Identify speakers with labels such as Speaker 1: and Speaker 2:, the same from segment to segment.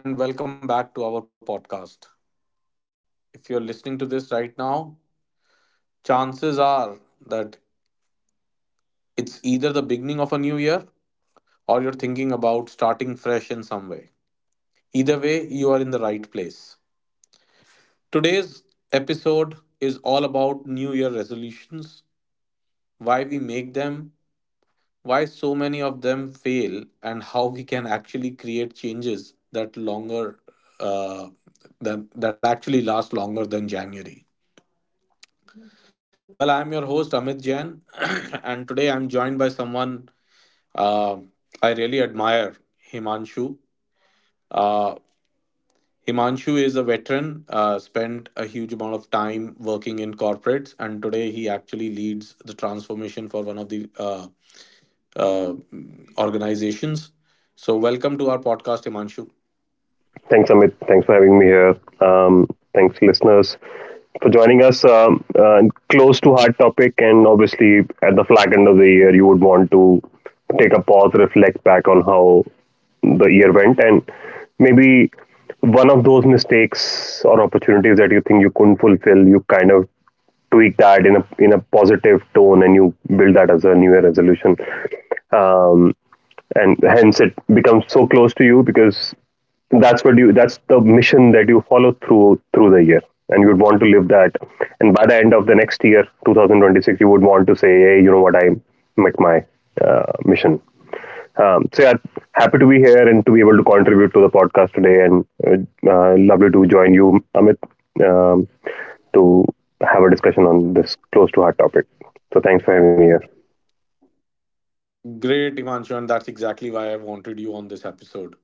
Speaker 1: Hello, everyone, and welcome back to our podcast. If you're listening to this right now, chances are that it's either the beginning of a new year or you're thinking about starting fresh in some way. Either way, you are in the right place. Today's episode is all about New Year resolutions, why we make them, why so many of them fail, and how we can actually create changes that longer uh, that actually last longer than January. Well, I'm your host Amit Jain, and today I'm joined by someone uh, I really admire, Himanshu. Uh, Himanshu is a veteran, spent a huge amount of time working in corporates, and today he actually leads the transformation for one of the uh, organizations. So, welcome to our podcast, Himanshu.
Speaker 2: Thanks, Amit. Thanks for having me here. Um, Thanks, listeners, for joining us. Close to hard topic, and obviously at the flag end of the year, you would want to take a pause, reflect back on how the year went, and maybe one of those mistakes or opportunities that you think you couldn't fulfill, you kind of tweak that in a positive tone, and you build that as a New Year resolution. Um, and hence it becomes so close to you because that's the mission that you follow through the year and you would want to live that, and by the end of the next year 2026 you would want to say, hey, you know what, I met my mission. So yeah, happy to be here and to be able to contribute to the podcast today, and lovely to join you, Amit. um, to have a discussion on this close to heart topic. So thanks for having me here.
Speaker 1: Great, Ivanshu, and that's exactly why I wanted you on this episode.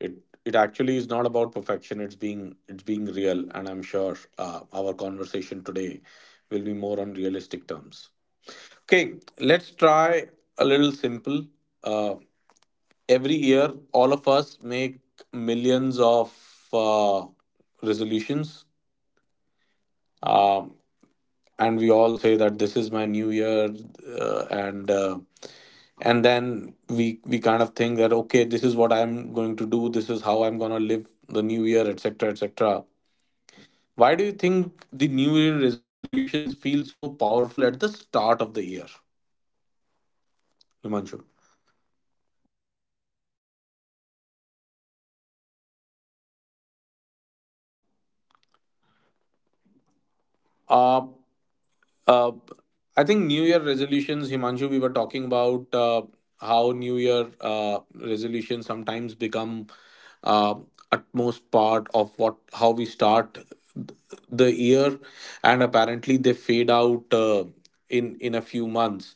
Speaker 1: It it actually is not about perfection. It's being real, and I'm sure our conversation today will be more on realistic terms. Okay, let's try a little simple. Uh, every year, all of us make millions of uh, resolutions. Uh, and we all say that this is my new year uh, and uh, and then we kind of think that, okay, this is what I'm going to do, this is how I'm going to live the new year, etc., etc. Why do you think the new year resolutions feel so powerful at the start of the year, Himanshu? uh, uh I think new year resolutions, Himanshu, we were talking about how new year resolutions sometimes become uh, utmost part of what, how we start the year, and apparently they fade out in a few months.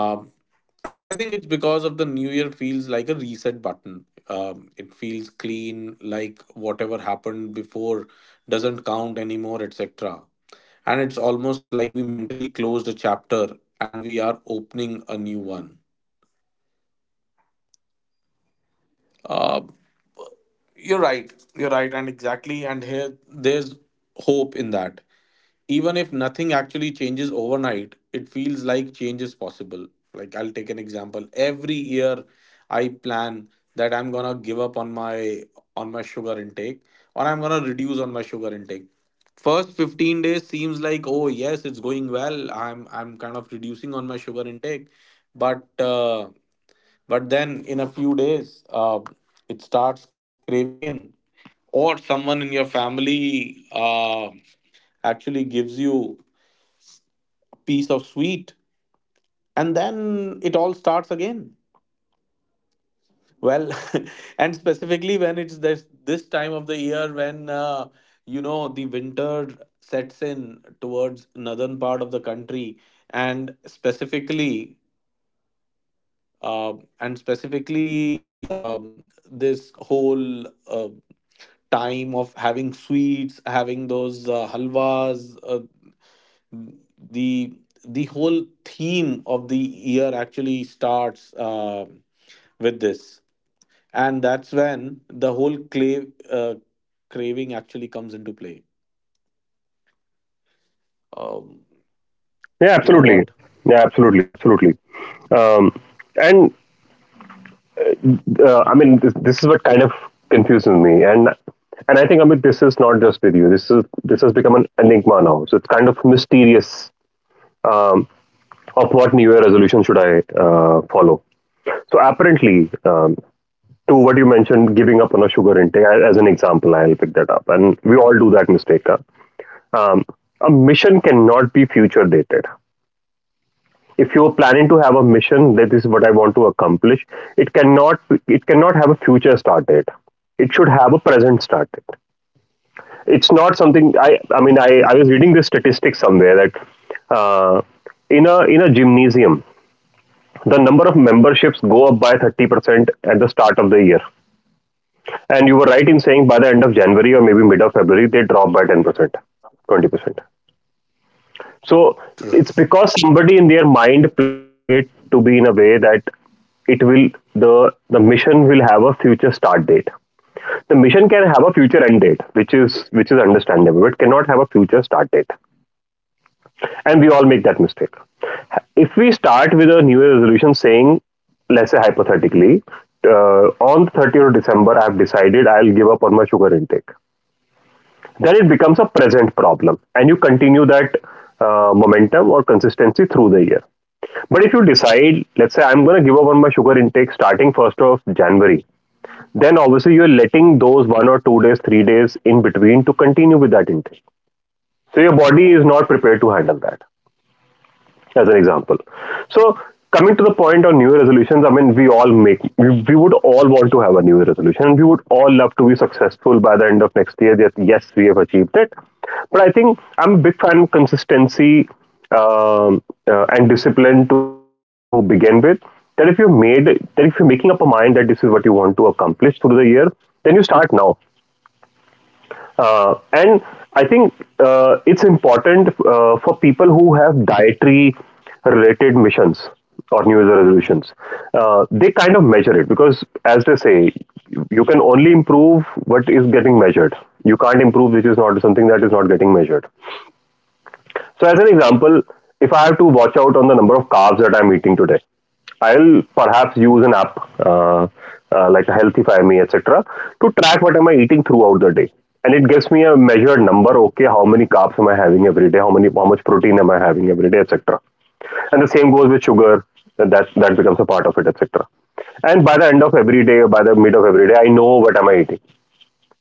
Speaker 1: um, I think it's because of the new year feels like a reset button. It feels clean, like whatever happened before doesn't count anymore, etc., and it's almost like we mentally closed a chapter and we are opening a new one. uh, you're right, and exactly. And here there's hope in that, even if nothing actually changes overnight, it feels like change is possible. Like, I'll take an example. Every year I plan that I'm going to give up on my sugar intake, or I'm going to reduce on my sugar intake. First 15 days seems like, oh yes, it's going well, I'm kind of reducing on my sugar intake. but uh, but then in a few days, it starts craving in, or someone in your family actually gives you a piece of sweet, and then it all starts again. Well, and specifically when it's this time of the year when you know the winter sets in towards northern part of the country, and uh, specifically, this whole time of having sweets, having those halwas. The whole theme of the year actually starts with this, and that's when the whole clay uh, craving actually comes into play. Um,
Speaker 2: Yeah,
Speaker 1: you know
Speaker 2: absolutely.
Speaker 1: what?
Speaker 2: Yeah, absolutely, absolutely. um, and I mean, this is what kind of confuses me, and I think, Amit, this is not just with you. This has become an enigma now. So it's kind of mysterious. um, of what New Year resolution should I follow. So apparently, to what you mentioned, giving up on a sugar intake as an example, I'll pick that up, and we all do that mistake. Huh? Um, a mission cannot be future dated. If you're planning to have a mission, that is what I want to accomplish. It cannot, it cannot have a future start date. It should have a present start date. It's not something I was reading this statistic somewhere that uh, in a gymnasium the number of memberships go up by 30% at the start of the year, and you were right in saying by the end of January, or maybe mid of February, they drop by 10%, 20%. So it's because somebody in their mind planned it to be in a way that it will, the mission will have a future start date. The mission can have a future end date, which is, which is understandable, but cannot have a future start date. And we all make that mistake. If we start with a New Year resolution saying, let's say hypothetically, on 30th of December, I've decided I'll give up on my sugar intake, then it becomes a present problem and you continue that momentum or consistency through the year. But if you decide, let's say, I'm going to give up on my sugar intake starting 1st of January, then obviously you're letting those 1 or 2 days, 3 days in between to continue with that intake, so your body is not prepared to handle that, as an example. So coming to the point on New Year resolutions, I mean, we all make, we would all want to have a New Year resolution, and we would all love to be successful by the end of next year. That yes, we have achieved it. But I think I'm a big fan of consistency, um, and discipline to begin with. That if you're making up a mind that this is what you want to accomplish through the year, then you start now. And I think it's important for people who have dietary related missions or New Year's resolutions. They kind of measure it because, as they say, you can only improve what is getting measured. You can't improve which is not something that is not getting measured. So, as an example, if I have to watch out on the number of carbs that I'm eating today, I'll perhaps use an app like Healthify Me, etc., to track what am I eating throughout the day, and it gives me a measured number. Okay, how many carbs am I having every day? How much protein am I having every day, etc.? And the same goes with sugar. That becomes a part of it, etc. And by the end of every day, by the mid of every day, I know what am I eating.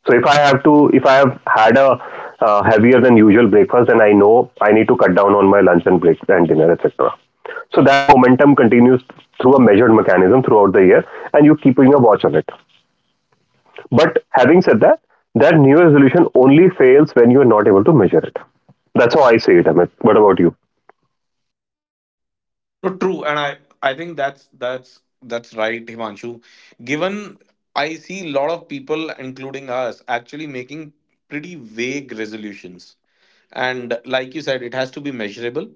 Speaker 2: So if I have to, if I have had a heavier than usual breakfast, then I know I need to cut down on my lunch and break and dinner, etc. So that momentum continues through a measured mechanism throughout the year, and you're keeping a watch on it. But having said that, that new resolution only fails when you are not able to measure it. That's how I see it, Amit. What about you?
Speaker 1: No, true, and I think that's that's right, Himanshu. Given, I see a lot of people, including us, actually making pretty vague resolutions, and like you said, it has to be measurable.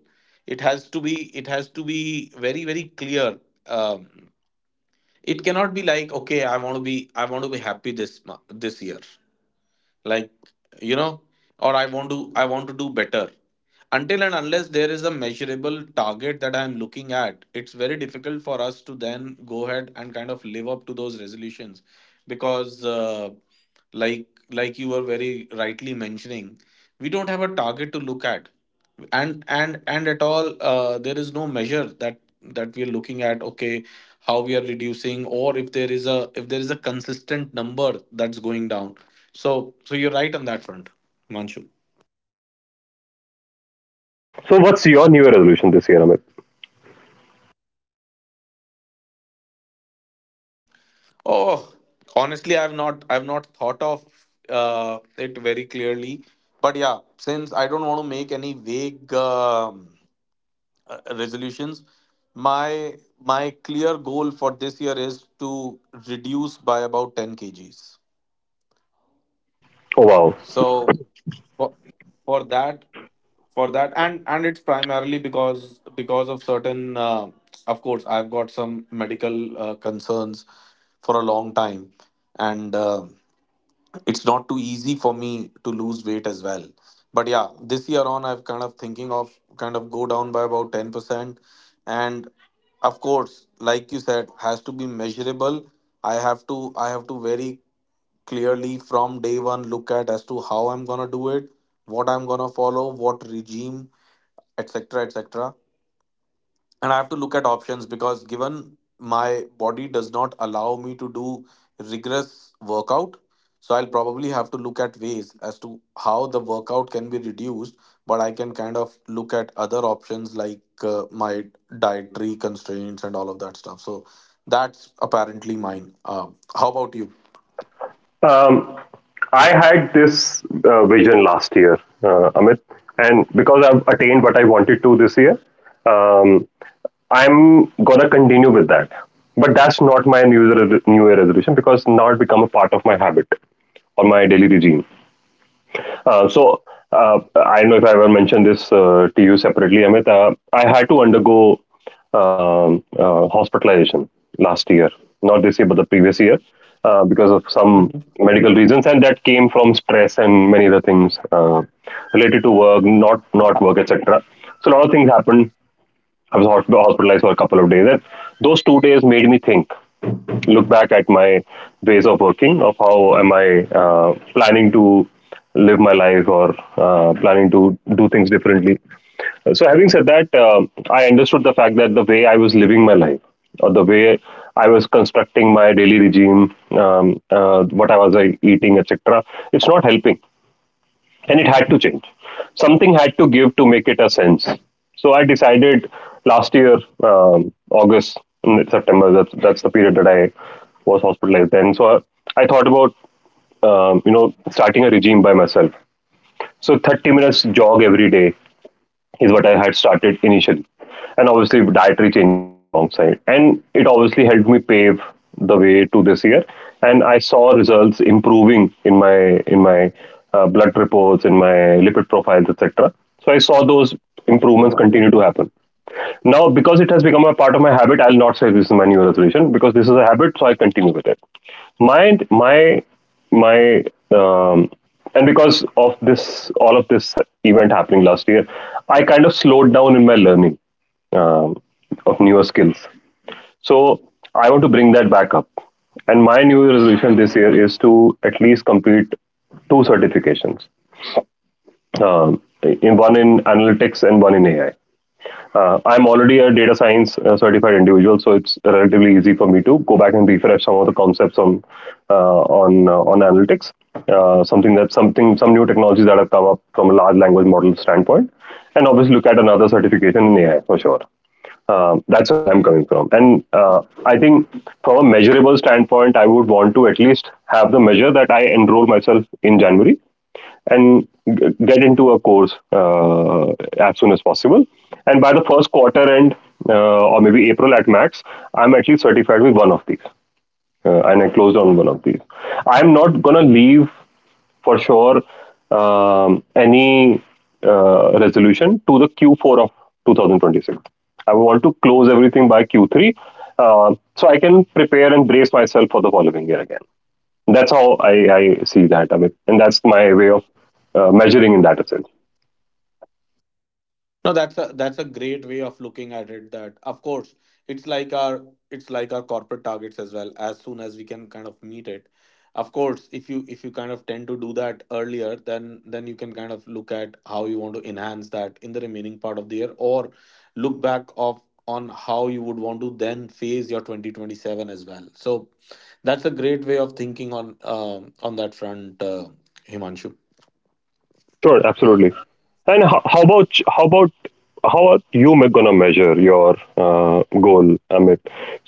Speaker 1: It has to be it has to be very, very clear. Um, it cannot be like, okay, I want to be happy this year, like you know or I want to do better. Until and unless there is a measurable target that I am looking at, it's very difficult for us to then go ahead and kind of live up to those resolutions, because like you were very rightly mentioning, we don't have a target to look at, and at all, there is no measure that we are looking at. Okay, how we are reducing, or if there is a consistent number that's going down. So you're right on that front, Manchu.
Speaker 2: So what's your new resolution this year, Amit?
Speaker 1: Oh, honestly, I've not thought of it very clearly. But yeah, since I don't want to make any vague resolutions, my my clear goal for this year is to reduce by about 10 kgs.
Speaker 2: Oh wow.
Speaker 1: So for, for that for that, and it's primarily because of certain of course, I've got some medical concerns for a long time, and it's not too easy for me to lose weight as well. But yeah, this year on, I've kind of thinking of kind of go down by about 10%. And of course, like you said, has to be measurable. I have to very clearly from day one look at as to how I'm gonna do it, what I'm gonna follow, what regime, etc., etc. And I have to look at options because given my body does not allow me to do rigorous workout, so I'll probably have to look at ways as to how the workout can be reduced, but I can kind of look at other options like my dietary constraints and all of that stuff. So that's apparently mine. How about you?
Speaker 2: Um, I had this vision last year, Amit, and because I've attained what I wanted to this year, um, I'm gonna continue with that. But that's not my New Year resolution because now it become a part of my habit or my daily regime. Uh, so I don't know if I ever mentioned this to you separately, Amit. I had to undergo hospitalization last year, not this year, but the previous year, because of some medical reasons, and that came from stress and many other things related to work, not work, etc. So a lot of things happened. I was hospitalized for a couple of days, and those 2 days made me think, look back at my ways of working, of how am I planning to live my life, or planning to do things differently. So, having said that, um, I understood the fact that the way I was living my life, or the way I was constructing my daily regime, what I was eating, etc., it's not helping and it had to change. Something had to give to make it a sense. So I decided last year, August, September. That's the period that I was hospitalized. Then, so I thought about you know, starting a regime by myself. So 30 minutes jog every day is what I had started initially. And obviously, dietary changes came alongside. And it obviously helped me pave the way to this year. And I saw results improving in my blood reports, in my lipid profiles, etc. So I saw those improvements continue to
Speaker 1: Mhm.
Speaker 2: happen. Now, because it has become a part of my habit, I'll not say this is my new resolution because this is a habit, so I continue with it. My my my um, and because of all of this event happening last year, I kind of slowed down in my learning um, of newer skills. So I want to bring that back up. And my new resolution this year is to at least complete two certifications, in one in analytics and one in AI. I'm already a data science certified individual, so it's relatively easy for me to go back and refresh some of the concepts on on analytics. Something, some new technologies that have come up from a large language model standpoint, and obviously look at another certification in AI for sure. That's where I'm coming from. And I think from a measurable standpoint, I would want to at least have the measure that I enroll myself in January and get into a course as soon as possible. And by the first quarter end, or maybe April at max, I'm at least certified with one of these, and I closed on one of these. I'm not gonna leave for sure any resolution to the Q4 of 2026. I want to close everything by Q3, so I can prepare and brace myself for the following year again. I see that, Amit, and that's my way of measuring in that sense.
Speaker 1: No, that's a great way of looking at it. That of course it's like our corporate targets as well. As soon as we can kind of meet it, of course, if you kind of tend to do that earlier, then you can kind of look at how you want to enhance that in the remaining part of the year, or look back of on how you would want to then phase your 2027 as well. So that's a great way of thinking on that front, Himanshu.
Speaker 2: Sure, absolutely. And how about how are you gonna measure your goal, Amit?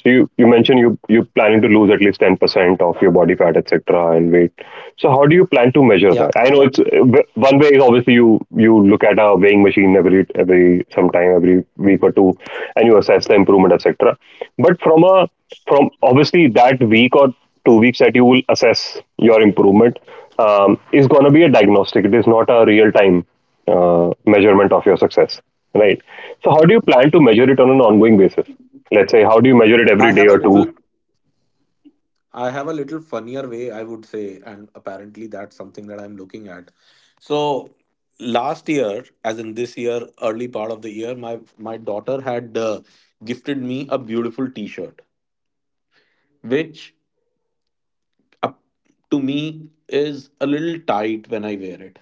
Speaker 2: You mentioned you, you planning to lose at least 10% of your body fat, etc., and weight. So how do you plan to measure
Speaker 1: Yeah,
Speaker 2: that? I know it's one way is obviously you, you look at a weighing machine every sometime, every week or two, and you assess the improvement, etc. But from a, from obviously that week or 2 weeks that you will assess your improvement, is gonna be a diagnostic. It is not a real time measurement of your success, right? So, how do you plan to measure it on an ongoing basis? Let's say, how do you measure it
Speaker 1: I
Speaker 2: every day
Speaker 1: have a
Speaker 2: or two?
Speaker 1: little funnier way, I would say, and apparently that's something that I'm looking at. So last year, as in this year, early part of the year, my daughter had gifted me a beautiful T-shirt, which up to me is a little tight when I wear it.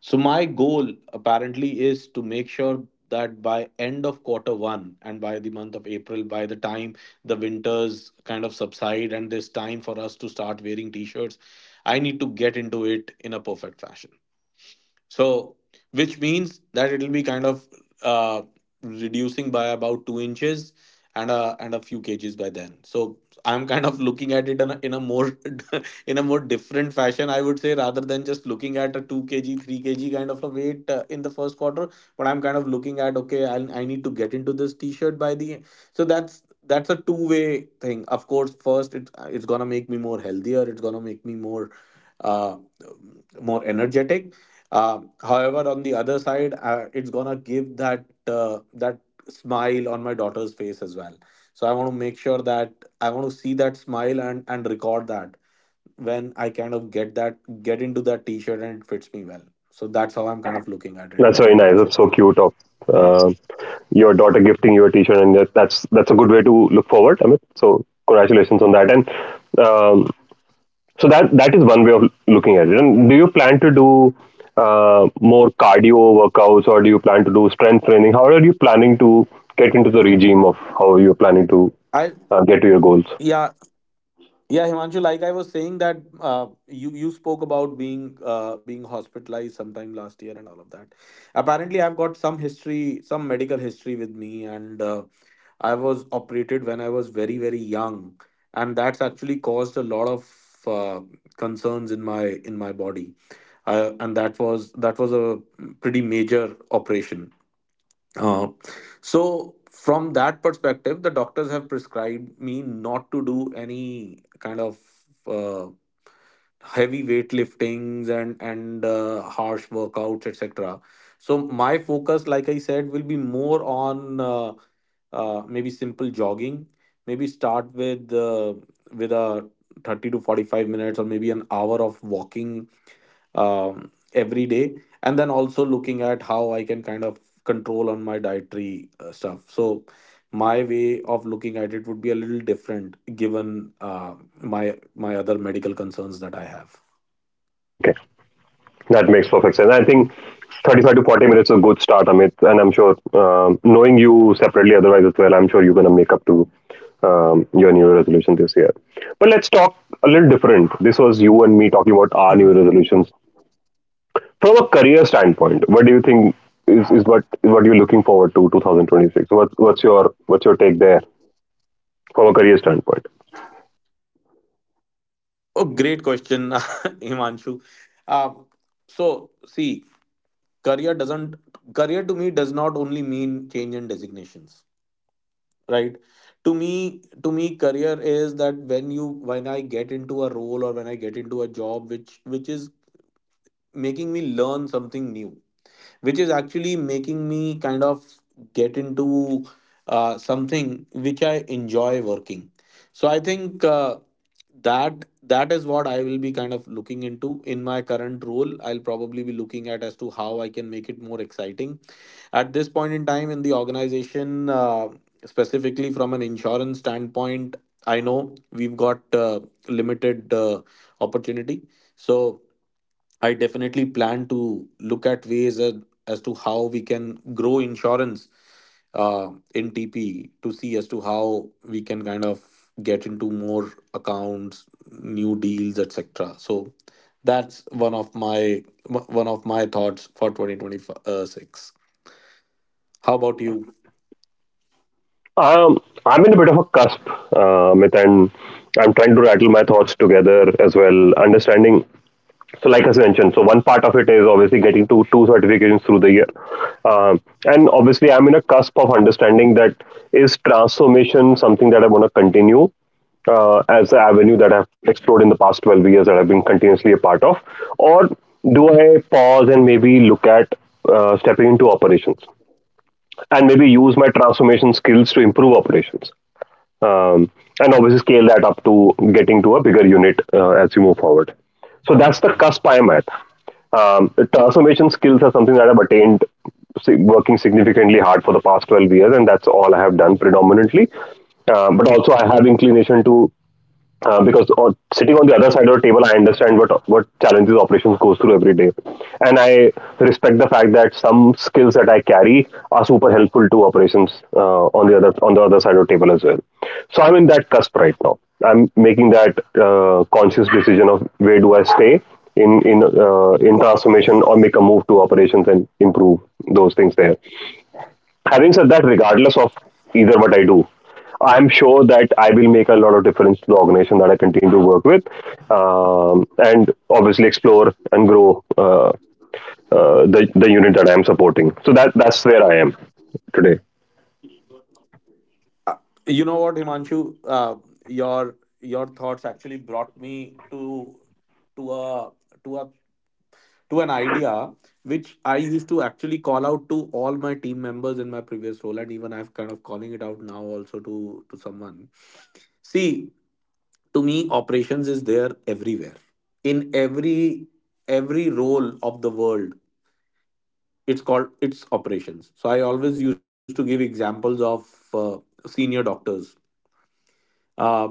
Speaker 1: So my goal apparently is to make sure that by end of quarter one and by the month of April, by the time the winters kind of subside and there's time for us to start wearing t-shirts, I need to get into it in a perfect fashion. So, which means that it'll be kind of uh, reducing by about 2 inches and a few kgs by then. So I'm kind of looking at it in a more in a more different fashion, I would say, rather than just looking at a 2 kg, 3 kg kind of a weight in the first quarter. But I'm kind of looking at, okay, I need to get into this t-shirt by the end. So that's a two-way thing. Of course, first it's gonna make me more healthier. It's gonna make me more uh more energetic. However, on the other side, it's gonna give that smile on my daughter's face as well. So I want to make sure that I want to see that smile and record that when I kind of get into that T-shirt and it fits me well. So that's how I'm kind of looking at it.
Speaker 2: That's very nice. That's so cute. Of uh, your daughter gifting you a T-shirt, and that's a good way to look forward, Amit. So, congratulations on that. And um, so that is one way of looking at it. And do you plan to do uh, more cardio workouts, or do you plan to do strength training? How are you planning to get into the regime of how you're planning to
Speaker 1: I
Speaker 2: get to your goals?
Speaker 1: yeah Yeah, Himanshu, like I was saying that you spoke about being being hospitalized sometime last year and all of that. Apparently, I've got some history, some medical history with me, and I was operated when I was very, very young, and that's actually caused a lot of uh, concerns in my body. And that was a pretty major operation. uh, so from that perspective, the doctors have prescribed me not to do any kind of uh, heavy weightliftings and harsh workouts, etc. So my focus, like I said, will be more on maybe simple jogging. Maybe start with a 30 to 45 minutes or maybe an hour of walking every day, and then also looking at how I can kind of control on my dietary stuff. So my way of looking at it would be a little different, given uh, my my other medical concerns that I have.
Speaker 2: Okay. That makes perfect sense. I think 35 to 40 minutes is a good start, Amit. And I'm sure, knowing you separately otherwise as well, I'm sure you're going to make up to your new Year resolution this year. But let's talk a little different. This was you and me talking about our
Speaker 1: Mhm.
Speaker 2: new Year resolutions. From a career standpoint, what do you think is what you're looking forward to 2026? What's your take there from a career standpoint?
Speaker 1: Oh, great question, Himanshu. Uh, so, see, career doesn't career to me does not only mean change in designations. Right. To me, career is that when you when I get into a role, or when I get into a job which is making me learn something new, which is actually making me kind of get into something which I enjoy working. So I think that is what I will be kind of looking into in my current role. I'll probably be looking at as to how I can make it more exciting. At this point in time in the organization, specifically from an insurance standpoint, I know we've got limited opportunity. So, I definitely plan to look at ways as to how we can grow insurance uh, in TP to see as to how we can kind of get into more accounts, new deals, etc. So that's one of my thoughts for 2026. How about you?
Speaker 2: Um, I'm in a bit of a cusp, Amit, and I'm trying to rattle my thoughts together as well, understanding. So, like as mentioned, so one part of it is obviously getting to two certifications through the year. Um and obviously I'm in a cusp of understanding that, is transformation something that I want to continue as an avenue that I've explored in the past 12 years that I've been continuously a part of, or do I pause and maybe look at stepping into operations and maybe use my transformation skills to improve operations? um, and obviously scale that up to getting to a bigger unit as you move forward. So that's the cusp I am at. The transformation skills are something that I've attained working significantly hard for the past 12 years, and that's all I have done predominantly. But also, I have inclination to, sitting on the other side of the table, I understand what challenges operations goes through every day, and I respect the fact that some skills that I carry are super helpful to operations on the other side of the table as well. So I'm in that cusp right now. I'm making that conscious decision of where do I stay in transformation or make a move to operations and improve those things there. Having said that, regardless of either what I do, I'm sure that I will make a lot of difference to the organization that I continue to work with, and obviously explore and grow the unit that I'm supporting. So that's where I am today.
Speaker 1: Uh, you know what, Himanshu? Your thoughts actually brought me to a to a to an idea which I used to actually call out to all my team members in my previous role, and even I've kind of calling it out now also to someone. See, to me, operations is there everywhere in every role of the world. It's operations. So I always used to give examples of uh, senior doctors, uh,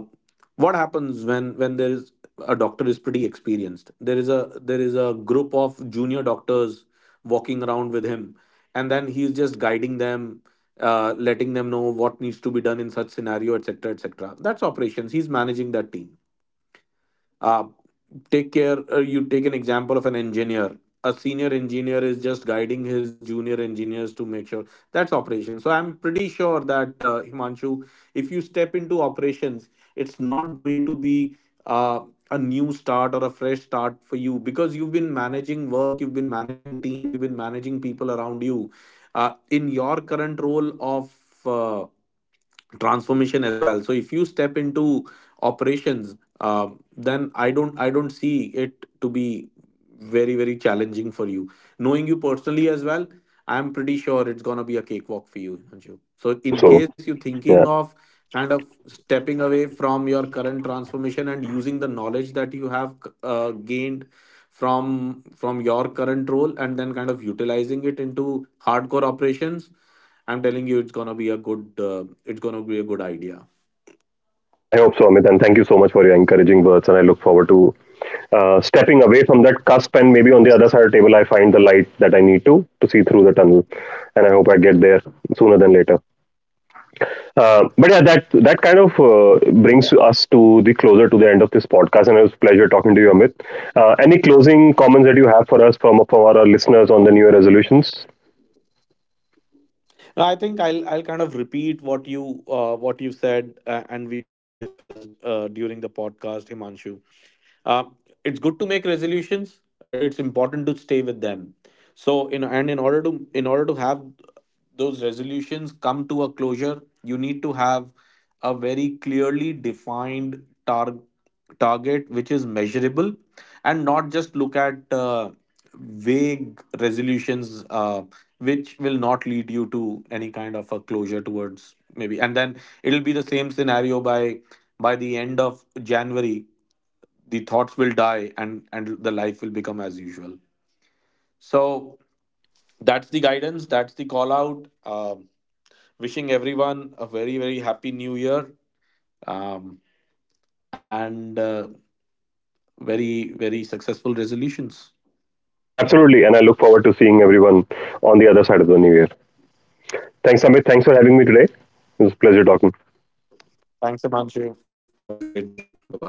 Speaker 1: what happens when there is a doctor is pretty experienced? There is a group of junior doctors walking around with him, and then he's just guiding them, letting them know what needs to be done in such scenario, etc., etc. That's operations. He's managing that team. uh, take care, you take an example of an engineer, a senior engineer is just guiding his junior engineers to make sure that's operation. So I'm pretty sure that, Himanshu, if you step into operations, it's not going to be uh, a new start or a fresh start for you, because you've been managing work, you've been managing teams, you've been managing people around you, in your current role of uh, transformation as well. So if you step into operations, uh, then I don't see it to be very very challenging for you. Knowing you personally as well, I'm pretty sure it's going to be a cakewalk for you, Himanshu.
Speaker 2: I hope
Speaker 1: So
Speaker 2: so.
Speaker 1: in case you're
Speaker 2: Yeah,
Speaker 1: thinking of kind of stepping away from your current transformation and using the knowledge that you have gained from your current role, and then kind of utilizing it into hardcore operations, I'm telling you, it's gonna be a good. It's gonna be a good idea.
Speaker 2: I hope so, Amit. And thank you so much for your encouraging words. And I look forward to stepping away from that cusp. And maybe on the other side of the table, I find the light that I need to see through the tunnel. And I hope I get there sooner than later. But yeah, that kind of brings us to the closer to the end of this podcast, and it was a pleasure talking to you, Amit. Any closing comments that you have for us from our listeners on the New Year resolutions?
Speaker 1: No, I think I'll kind of repeat what you said, and we discussed during the podcast, Himanshu. uh, it's good to make resolutions, it's important to stay with them. So in order to have those resolutions come to a closure, you need to have a very clearly defined target which is measurable, and not just look at vague resolutions, which will not lead you to any kind of a closure towards maybe, and then it'll be the same scenario by the end of January. The thoughts will die and the life will become as usual. So that's the guidance, that's the call out. Um Wishing everyone a very very happy new year, um, and very very successful resolutions.
Speaker 2: Yeah, absolutely, and I look forward to seeing everyone on the other side of the New Year. Thanks, Amit. Thanks for having me today. It was a pleasure talking.
Speaker 1: Thanks, Amanchu. Have a great day. Bye bye.